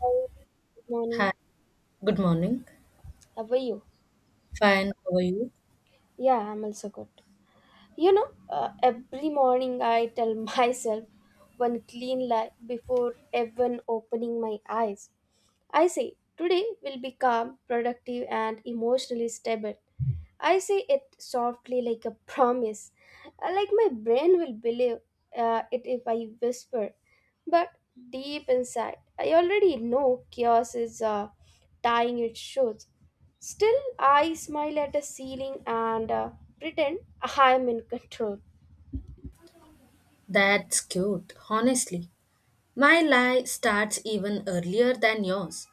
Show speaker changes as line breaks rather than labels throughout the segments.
Hi, good morning.
Hi, good morning.
How are you?
Fine, how are you?
Yeah, I'm also good. Every morning I tell myself one clean lie before even opening my eyes. I say, today will be calm, productive, and emotionally stable. I say it softly like a promise. Like my brain will believe it if I whisper. But deep inside, I already know chaos is tying its shoes. Still, I smile at the ceiling and pretend I am in control.
That's cute, honestly. My lie starts even earlier than yours,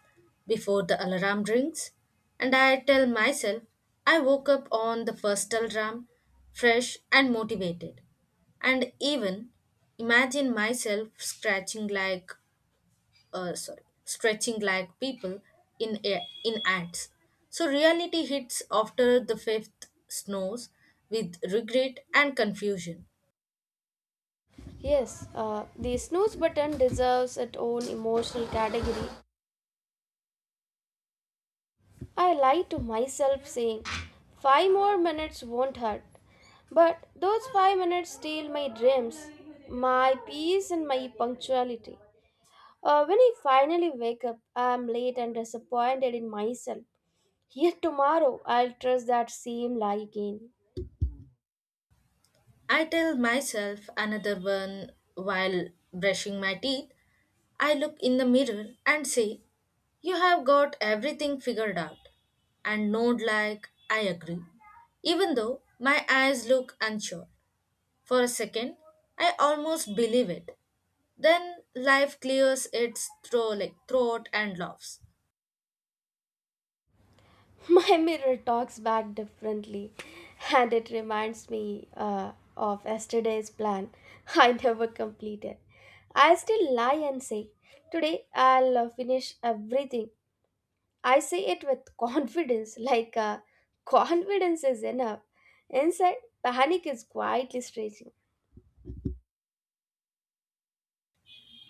before the alarm rings. And I tell myself I woke up on the first alarm, fresh and motivated. And even imagine myself stretching like people in ads. So reality hits after the fifth snows with regret and confusion.
Yes, the snooze button deserves its own emotional category. I lied to myself, saying, five more minutes won't hurt. But those 5 minutes steal my dreams, my peace, and my punctuality. When I finally wake up, I am late and disappointed in myself. Yet tomorrow, I'll trust that same lie again.
I tell myself another one while brushing my teeth. I look in the mirror and say, "You have got everything figured out," and nod like, "I agree," even though my eyes look unsure. For a second, I almost believe it. Then life clears its throat and laughs.
My mirror talks back differently, and it reminds me of yesterday's plan I never completed. I still lie and say, today I'll finish everything. I say it with confidence, like confidence is enough. Inside, panic is quietly stretching.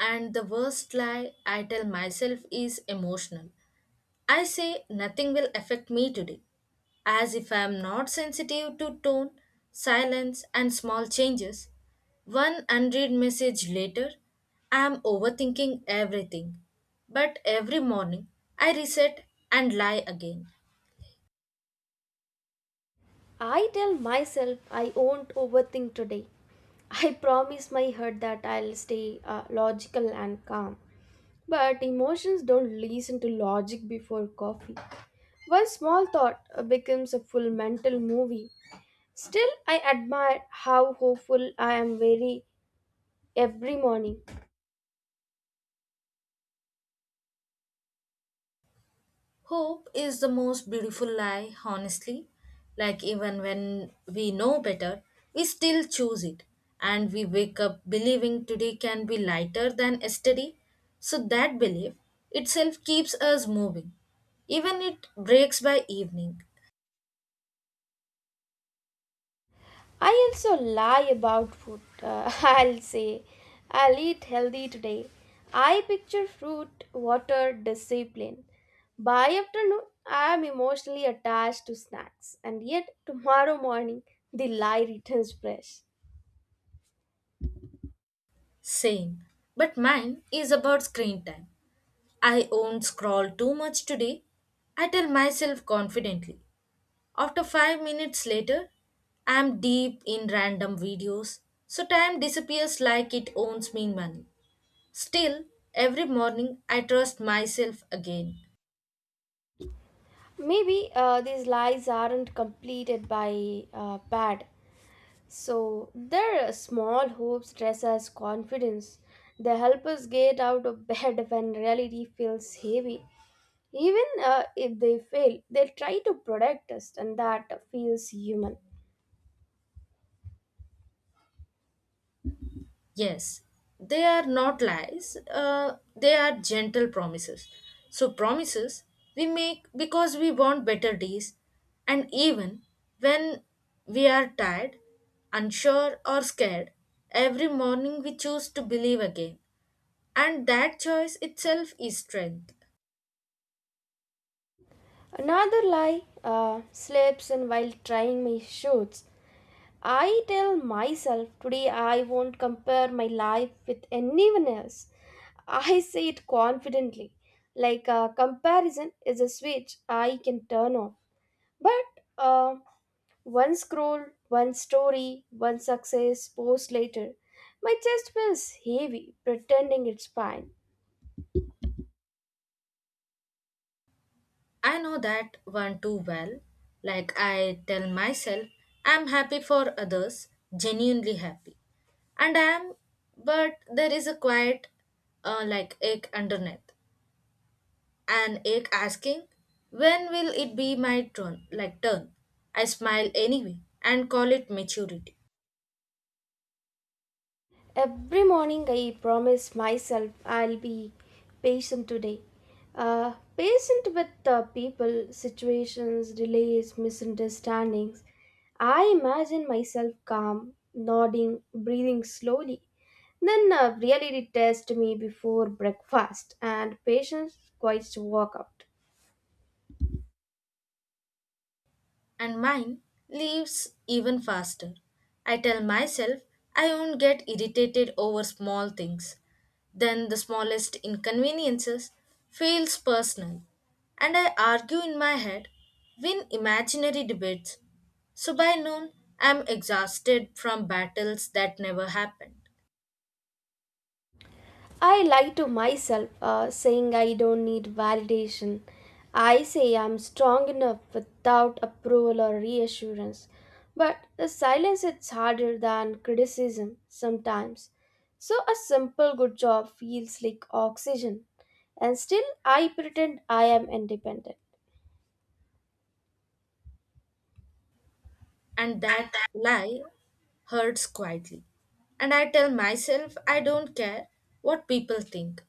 And the worst lie I tell myself is emotional. I say nothing will affect me today, as if I am not sensitive to tone, silence, and small changes. One unread message later, I am overthinking everything. But every morning, I reset and lie again.
I tell myself I won't overthink today. I promise my heart that I'll stay logical and calm. But emotions don't listen to logic before coffee. One small thought becomes a full mental movie. Still, I admire how hopeful I am very every morning.
Hope is the most beautiful lie, honestly. Like, even when we know better, we still choose it. And we wake up believing today can be lighter than yesterday. So that belief itself keeps us moving, even it breaks by evening.
I also lie about food. I'll say, I'll eat healthy today. I picture fruit, water, discipline. By afternoon, I am emotionally attached to snacks, and yet tomorrow morning, the lie returns fresh.
Same. But mine is about screen time. I won't scroll too much today, I tell myself confidently. After 5 minutes later, I'm deep in random videos, so time disappears like it owns me money. Still, every morning I trust myself again.
Maybe these lies aren't completed by bad. So, their small hopes dress as confidence. They help us get out of bed when reality feels heavy. Even if they fail, they'll try to protect us, and that feels human.
Yes, they are not lies, they are gentle promises. So promises we make because we want better days, and even when we are tired, unsure, or scared, every morning we choose to believe again. And that choice itself is strength.
Another lie slips in while trying my shoots. I tell myself today I won't compare my life with anyone else. I say it confidently, like comparison is a switch I can turn off. But one scroll, one story, one success post later, my chest feels heavy, pretending it's fine.
I know that one too well. Like, I tell myself, "I'm happy for others, genuinely happy." And I am, but there is a quiet, ache underneath. An ache asking, "When will it be my turn? I smile anyway and call it maturity.
Every morning, I promise myself I'll be patient today. Patient with the people, situations, delays, misunderstandings. I imagine myself calm, nodding, breathing slowly. Then reality tests me before breakfast, and patience quite walk out.
And mine leaves even faster. I tell myself I won't get irritated over small things. Then the smallest inconveniences feels personal, and I argue in my head, win imaginary debates. So by noon, I'm exhausted from battles that never happened.
I lie to myself, saying I don't need validation. I say I'm strong enough without approval or reassurance. But the silence is harder than criticism sometimes. So a simple good job feels like oxygen. And still, I pretend I am independent.
And that lie hurts quietly. And I tell myself I don't care what people think.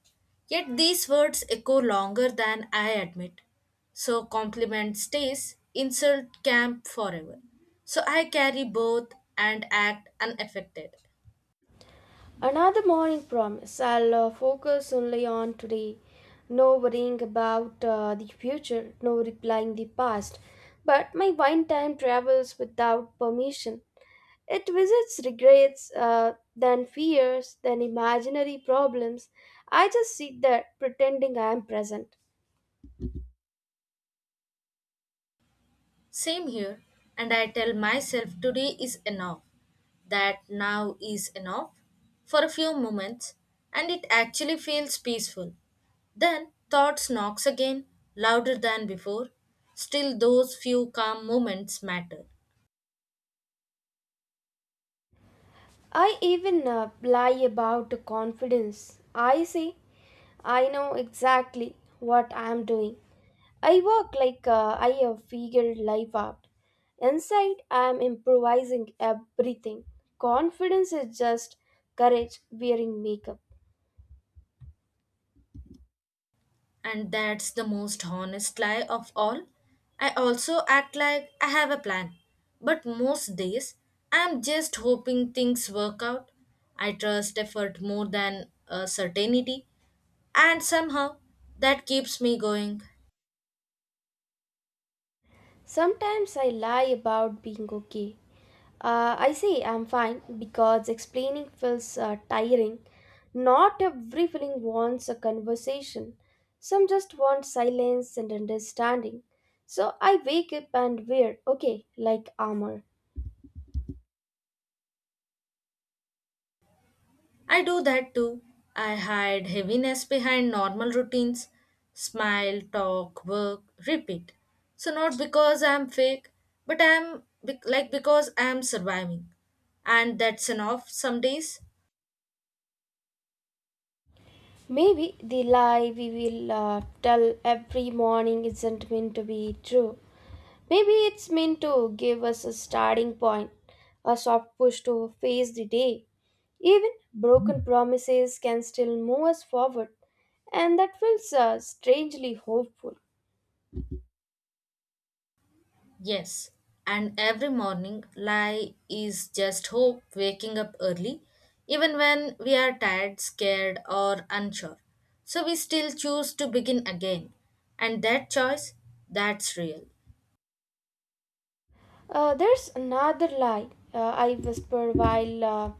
Yet these words echo longer than I admit. So compliment stays, insult camp forever. So I carry both and act unaffected.
Another morning promise, I'll focus only on today. No worrying about the future, no replying the past. But my wine time travels without permission. It visits regrets, then fears, then imaginary problems. I just sit there pretending I am present.
Same here, and I tell myself today is enough, that now is enough for a few moments, and it actually feels peaceful. Then thoughts knocks again, louder than before. Still those few calm moments matter.
I even lie about confidence. I say, I know exactly what I am doing. I work like I have figured life out. Inside, I am improvising everything. Confidence is just courage wearing makeup.
And that's the most honest lie of all. I also act like I have a plan, but most days I'm just hoping things work out. I trust effort more than certainty, and somehow that keeps me going.
Sometimes I lie about being okay. I say I'm fine because explaining feels tiring. Not every feeling wants a conversation. Some just want silence and understanding. So I wake up and wear okay like armor.
I do that too. I hide heaviness behind normal routines: smile, talk, work, repeat. So, not because I'm fake, but I'm be- like because I'm surviving. And that's enough some days.
Maybe the lie we will tell every morning isn't meant to be true. Maybe it's meant to give us a starting point, a soft push to face the day. Even broken promises can still move us forward, and that feels strangely hopeful.
Yes. And every morning, lie is just hope waking up early, even when we are tired, scared, or unsure. So we still choose to begin again. And that choice, that's real.
There's another lie, uh, I whisper while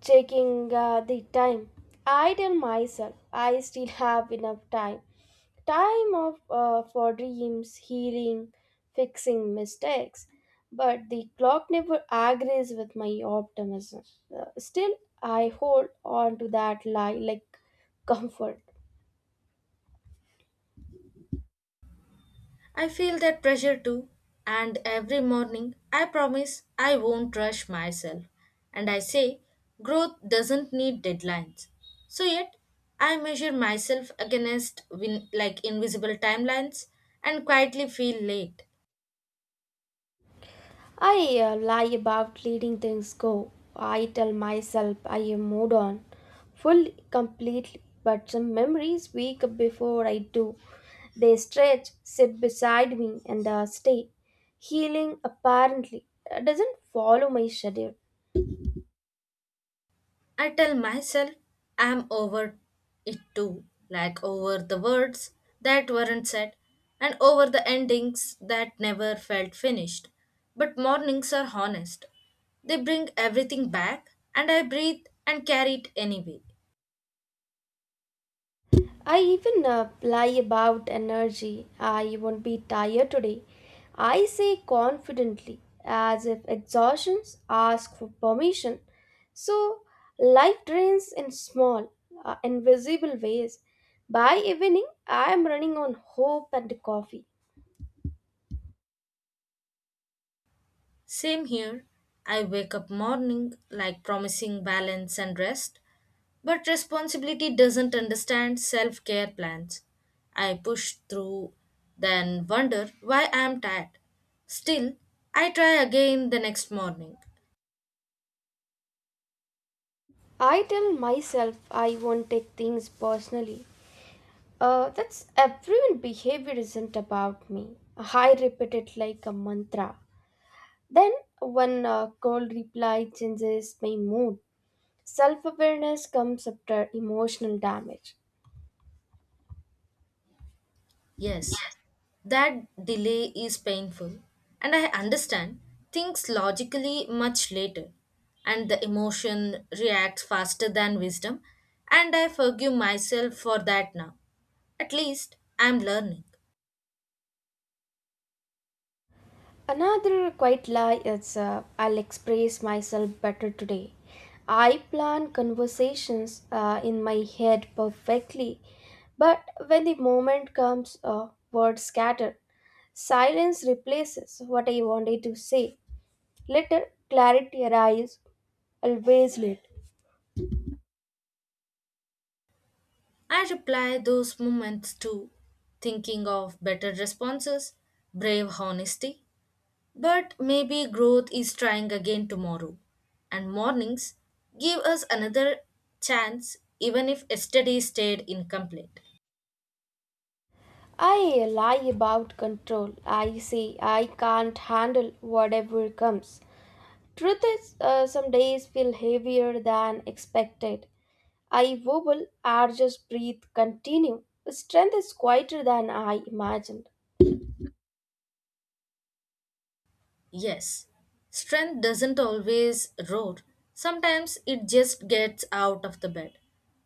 checking the time. I tell myself I still have enough time. Time of, for dreams, healing, fixing mistakes. But the clock never agrees with my optimism. Still, I hold on to that lie like comfort.
I feel that pressure too, and every morning I promise I won't rush myself. And I say growth doesn't need deadlines. So yet I measure myself against invisible timelines and quietly feel late.
I lie about letting things go. I tell myself I am moved on, fully, completely, but some memories wake up before I do. They stretch, sit beside me, and stay. Healing apparently doesn't follow my schedule.
I tell myself I'm over it too, like over the words that weren't said and over the endings that never felt finished. But mornings are honest. They bring everything back, and I breathe and carry it anyway.
I even lie about energy. I won't be tired today. I say confidently, as if exhaustions ask for permission. So, life drains in small, invisible ways. By evening, I am running on hope and coffee.
Same here. I wake up morning like promising balance and rest, but responsibility doesn't understand self care plans. I push through, then wonder why I am tired. Still, I try again the next morning.
I tell myself I won't take things personally. That's everyone behavior isn't about me. I repeat it like a mantra. Then one cold reply changes my mood. Self awareness comes after emotional damage.
Yes, that delay is painful, and I understand things logically much later. And the emotion reacts faster than wisdom, and I forgive myself for that now. At least I am learning.
Another quiet lie is, I'll express myself better today. I plan conversations in my head perfectly, but when the moment comes, words scatter. Silence replaces what I wanted to say. Later, clarity arrives, always late.
I reply those moments too, thinking of better responses, brave honesty, but maybe growth is trying again tomorrow. And mornings give us another chance even if yesterday stayed incomplete.
I lie about control. I say I can't handle whatever comes. Truth is, some days feel heavier than expected. I wobble, I just breathe, continue. Strength is quieter than I imagined.
Yes, strength doesn't always roar. Sometimes it just gets out of the bed,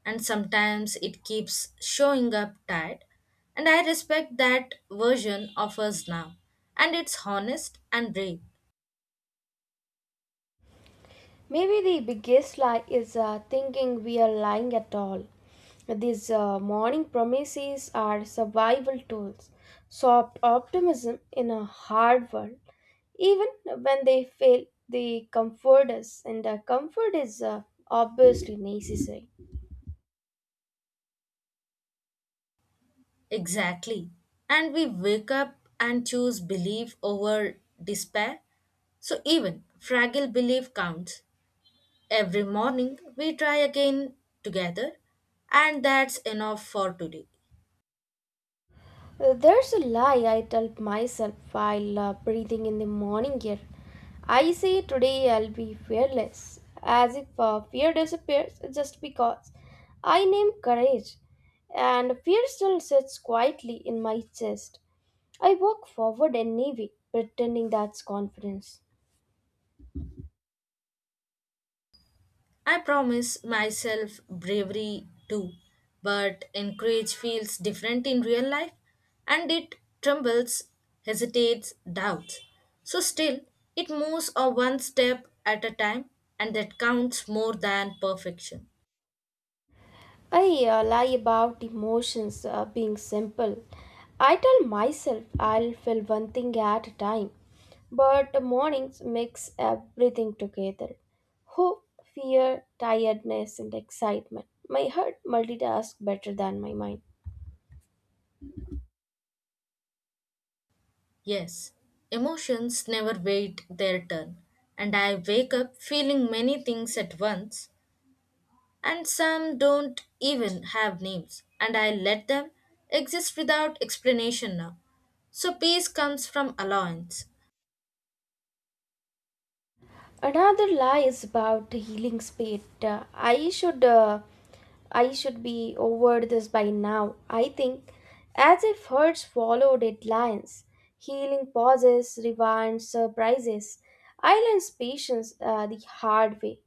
and sometimes it keeps showing up tired. And I respect that version of us now. And it's honest and brave.
Maybe the biggest lie is thinking we are lying at all. These morning promises are survival tools, soft optimism in a hard world. Even when they fail, they comfort us, and comfort is obviously necessary.
Exactly. And we wake up and choose belief over despair. So even fragile belief counts. Every morning we try again together, and that's enough for today.
There's a lie I tell myself while breathing in the morning air. I say today I'll be fearless, as if fear disappears just because I name courage, and fear still sits quietly in my chest. I walk forward anyway, pretending that's confidence.
I promise myself bravery too, but encourage feels different in real life, and it trembles, hesitates, doubts. So still, it moves a one step at a time, and that counts more than perfection.
I lie about emotions being simple. I tell myself I'll feel one thing at a time, but the mornings mix everything together. Hope, fear, tiredness, and excitement. My heart multitasks better than my mind.
Yes, emotions never wait their turn, and I wake up feeling many things at once, and some don't even have names, and I let them exist without explanation now. So peace comes from allowance.
Another lie is about the healing speed. I should be over this by now, I think, as if hurts followed deadlines. Healing pauses, rewinds, surprises. I learned patience the hard way.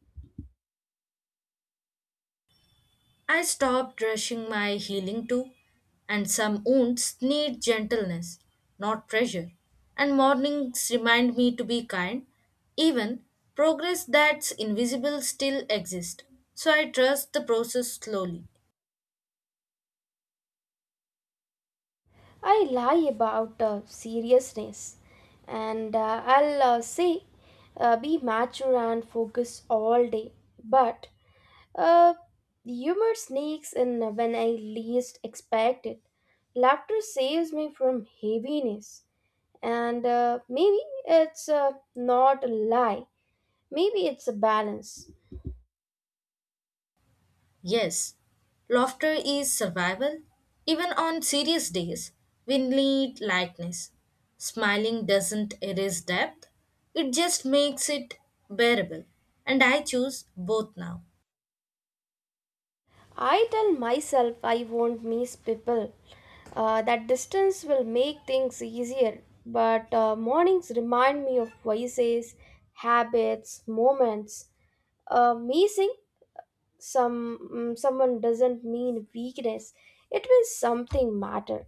I stopped rushing my healing too, and some wounds need gentleness, not pressure. And mornings remind me to be kind, even progress that's invisible still exists. So I trust the process slowly.
I lie about seriousness, and I'll say, be mature and focus all day. But Uh, humor sneaks in when I least expect it. Laughter saves me from heaviness. And maybe it's not a lie, maybe it's a balance.
Yes, laughter is survival. Even on serious days, we need lightness. Smiling doesn't erase depth, it just makes it bearable. And I choose both now.
I tell myself I won't miss people. That distance will make things easier, but mornings remind me of voices, habits, moments. Missing someone doesn't mean weakness, it means something matter.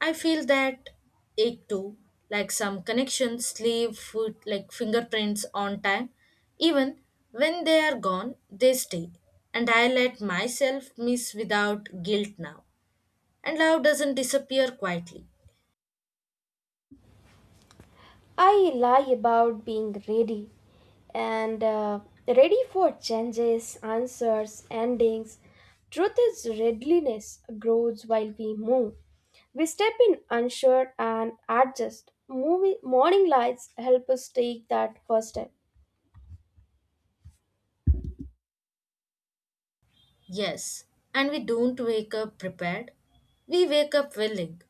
I feel that ache too, like some connections leave foot like fingerprints on time. Even when they are gone, they stay. And I let myself miss without guilt now. And love doesn't disappear quietly.
I lie about being ready and ready for changes, answers, endings. Truth is, readiness grows while we move. We step in unsure and adjust. Moving, morning lights help us take that first step.
Yes, and we don't wake up prepared. We wake up willing,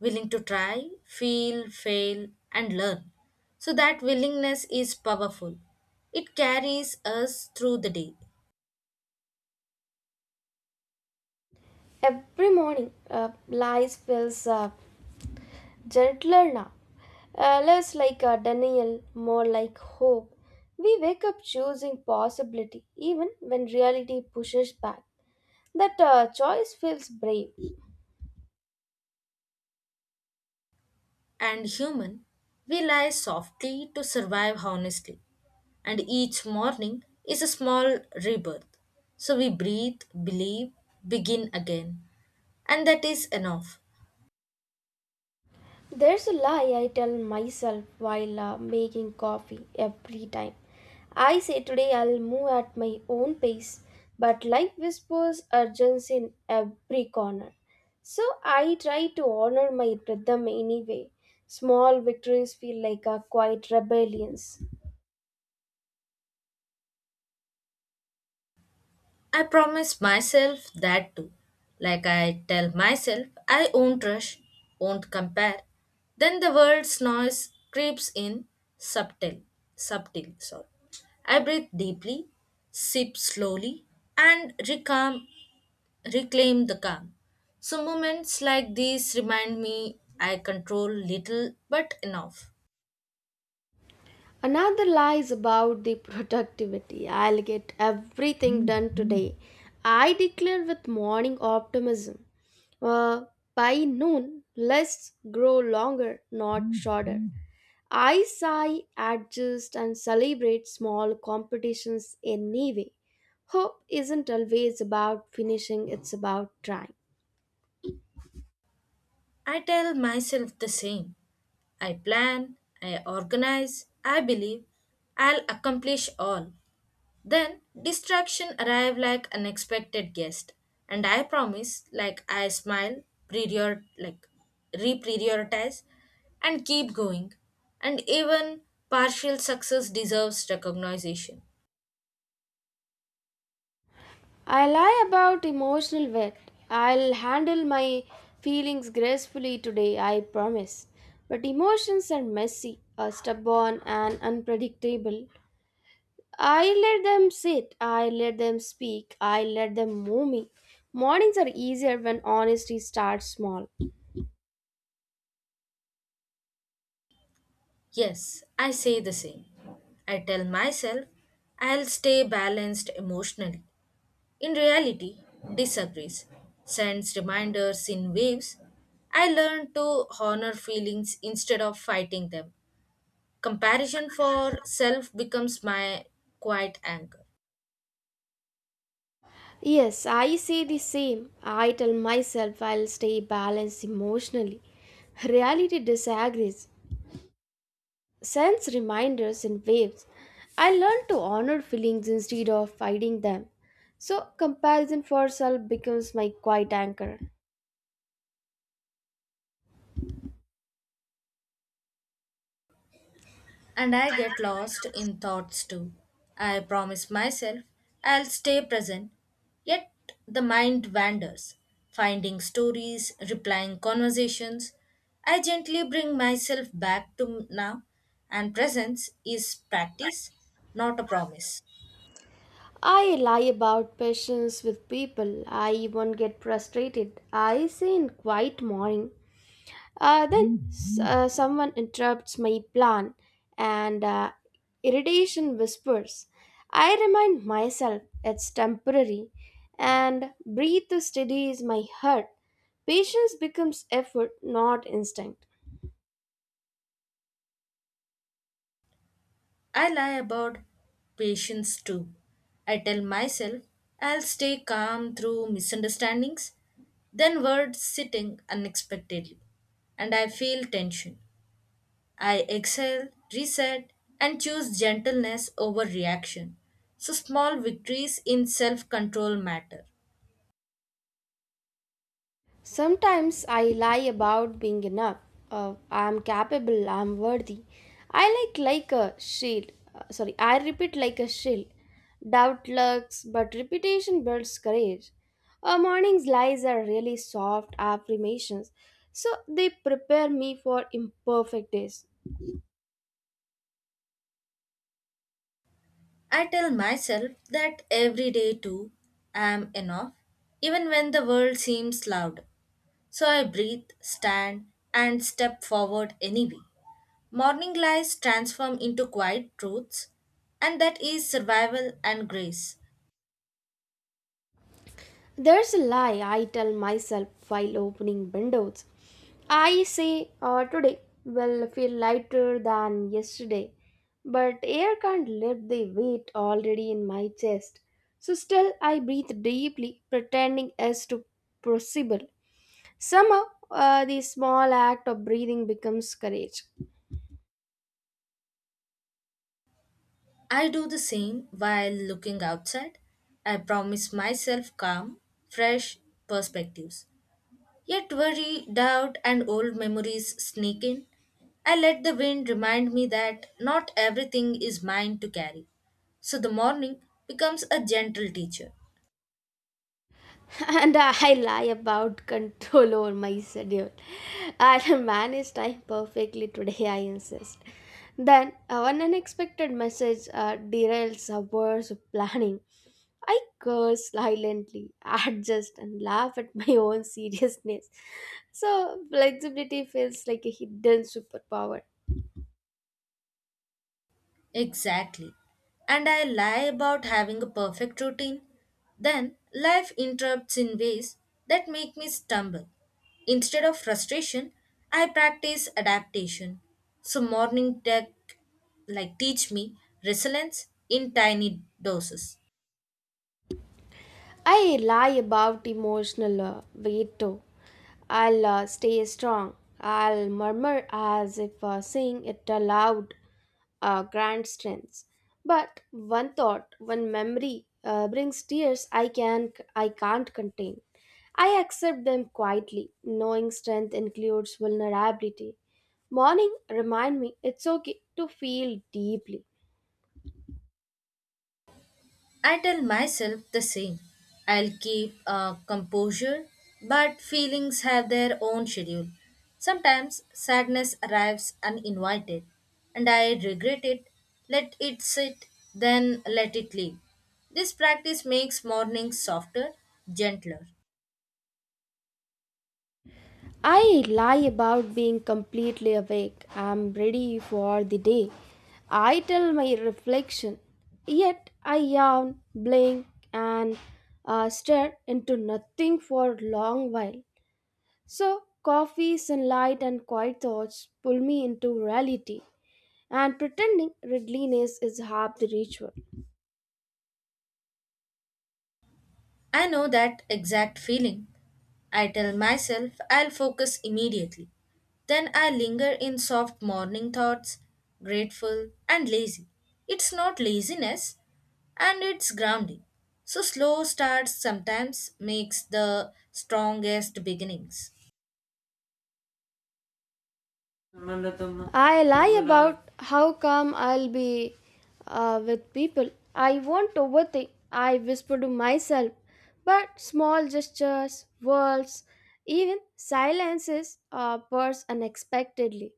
willing to try, feel, fail, and learn. So that willingness is powerful. It carries us through the day.
Every morning lights fills up. Gentler now, less like a denial, more like hope. We wake up choosing possibility even when reality pushes back. That choice feels brave.
And human, we lie softly to survive honestly. And each morning is a small rebirth. So we breathe, believe, begin again. And that is enough.
There's a lie I tell myself while making coffee every time. I say today I'll move at my own pace, but life whispers urgency in every corner. So I try to honor my rhythm anyway. Small victories feel like a quiet rebellions.
I promise myself that too. Like, I tell myself, "I won't rush, won't compare." Then the world's noise creeps in subtle, subtle, sorry. I breathe deeply, sip slowly, and reclaim the calm. So moments like these remind me I control little but enough.
Another lie is about the productivity. I'll get everything done today. I declare with morning optimism. Uh, by noon, lists grow longer, not shorter. I sigh, adjust, and celebrate small competitions anyway. Hope isn't always about finishing, it's about trying.
I tell myself the same. I plan, I organize, I believe I'll accomplish all. Then distraction arrive like unexpected guest, and I promise like I smile, prior like reprioritize and keep going. And even partial success deserves recognition.
I lie about emotional weight. I'll handle my feelings gracefully today, I promise. But emotions are messy, are stubborn, and unpredictable. I let them sit, I let them speak, I let them move me. Mornings are easier when honesty starts small.
Yes, I say the same. I tell myself I'll stay balanced emotionally. In reality, disagrees, sends reminders in waves. I learn to honor feelings instead of fighting them. Comparison for self becomes my quiet anchor.
Yes, I say the same. I tell myself I'll stay balanced emotionally. Reality disagrees. Sense reminders in waves. I learn to honor feelings instead of fighting them. So, comparison for self becomes my quiet anchor.
And I get lost in thoughts too. I promise myself I'll stay present, yet the mind wanders, finding stories, replying conversations. I gently bring myself back to now, and presence is practice, not a promise.
I lie about patience with people. I even get frustrated. I say in quiet morning. Then someone interrupts my plan and irritation whispers. I remind myself it's temporary and breathe to steady my heart. Patience becomes effort, not instinct.
I lie about patience too. I tell myself I'll stay calm through misunderstandings, then words sitting unexpectedly, and I feel tension. I exhale, reset, and choose gentleness over reaction. So small victories in self control matter.
Sometimes I lie about being enough. I am capable. I am worthy. I like like a shield. I repeat like a shield. Doubt lurks, but repetition builds courage. A morning's lies are really soft affirmations, so they prepare me for imperfect days.
I tell myself that every day too: I am enough, even when the world seems loud. So I breathe, stand, and step forward anyway. Morning lies transform into quiet truths, and that is survival and grace.
There's a lie I tell myself while opening windows. I say today will feel lighter than yesterday, but air can't lift the weight already in my chest. So still I breathe deeply, pretending as to possible. Somehow, the small act of breathing becomes courage.
I do the same while looking outside. I promise myself calm, fresh perspectives. Yet worry, doubt, and old memories sneak in. I let the wind remind me that not everything is mine to carry. So the morning becomes a gentle teacher.
And I lie about control over my schedule. I manage time perfectly today, I insist. Then, one unexpected message derails hours of planning. I curse silently, adjust, and laugh at my own seriousness. So, flexibility feels like a hidden superpower.
Exactly. And I lie about having a perfect routine. Then life interrupts in ways that make me stumble. Instead of frustration, I practice adaptation. So morning tech like teach me resilience in tiny doses.
I lie about emotional weight too. I'll stay strong. I'll murmur as if saying it aloud grand strengths. But one thought, one memory brings tears I can't contain. I accept them quietly, knowing strength includes vulnerability. Morning remind me it's okay to feel deeply.
I tell myself the same. I'll keep composure, but feelings have their own schedule. Sometimes sadness arrives uninvited, and I regret it. Let it sit, then let it leave. This practice makes mornings softer, gentler.
I lie about being completely awake. I'm ready for the day. I tell my reflection, yet I yawn, blink, and stare into nothing for a long while. So, coffee, sunlight, and quiet thoughts pull me into reality, and pretending readiness is half the ritual.
I know that exact feeling. I tell myself I'll focus immediately. Then I linger in soft morning thoughts, grateful and lazy. It's not laziness, and it's grounding. So slow starts sometimes makes the strongest beginnings.
I lie about how calm I'll be with people. I won't overthink. I whisper to myself. But small gestures, words, even silences burst unexpectedly.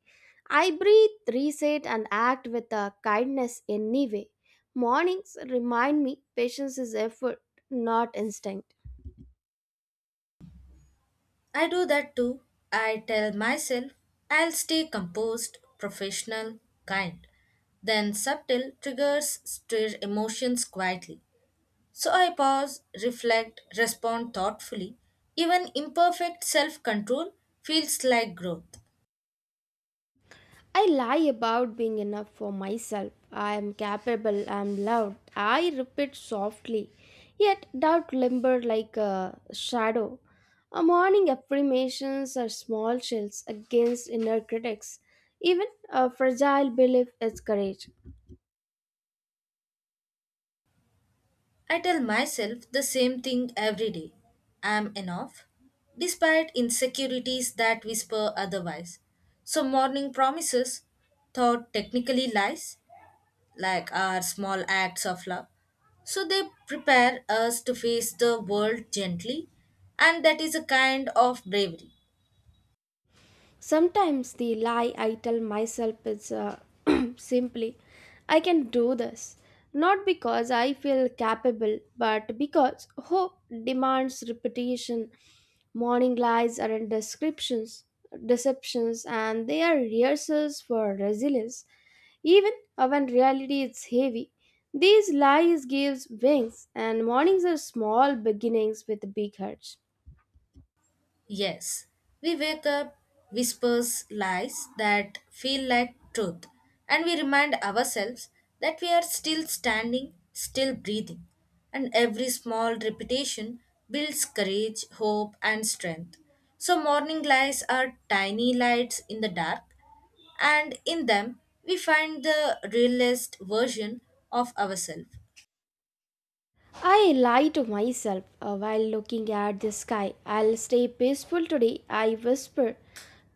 I breathe, reset, and act with a kindness anyway. Mornings remind me patience is effort, not instinct.
I do that too. I tell myself I'll stay composed, professional, kind. Then subtle triggers stir emotions quietly. So I pause, reflect, respond thoughtfully. Even imperfect self control feels like growth.
I lie about being enough for myself. I am capable, I am loved. I repeat softly, yet doubt limbers like a shadow. A morning affirmations are small shields against inner critics. Even a fragile belief is courage.
I tell myself the same thing every day: I am enough, despite insecurities that whisper otherwise. So morning promises, thought technically lies, like our small acts of love. So they prepare us to face the world gently, and that is a kind of bravery.
Sometimes the lie I tell myself is simply, I can do this. Not because I feel capable, but because hope demands repetition. Morning lies aren't descriptions, deceptions, and they are rehearsals for resilience. Even when reality is heavy, these lies gives wings, and mornings are small beginnings with big hearts.
Yes, we wake up, whispers lies that feel like truth, and we remind ourselves that we are still standing, still breathing. And every small repetition builds courage, hope, and strength. So morning lies are tiny lights in the dark, and in them we find the realist version of ourselves.
I lie to myself while looking at the sky. I'll stay peaceful today, I whisper.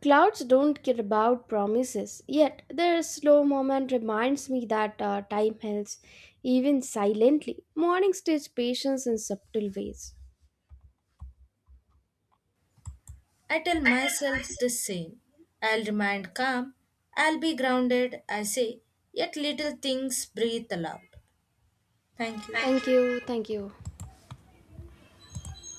Clouds don't care about promises, yet their slow moment reminds me that time heals, even silently. Mornings teach patience in subtle ways.
I tell myself the same. I'll remain calm. I'll be grounded, I say, yet little things breathe aloud. Thank you.
Thank you, thank you.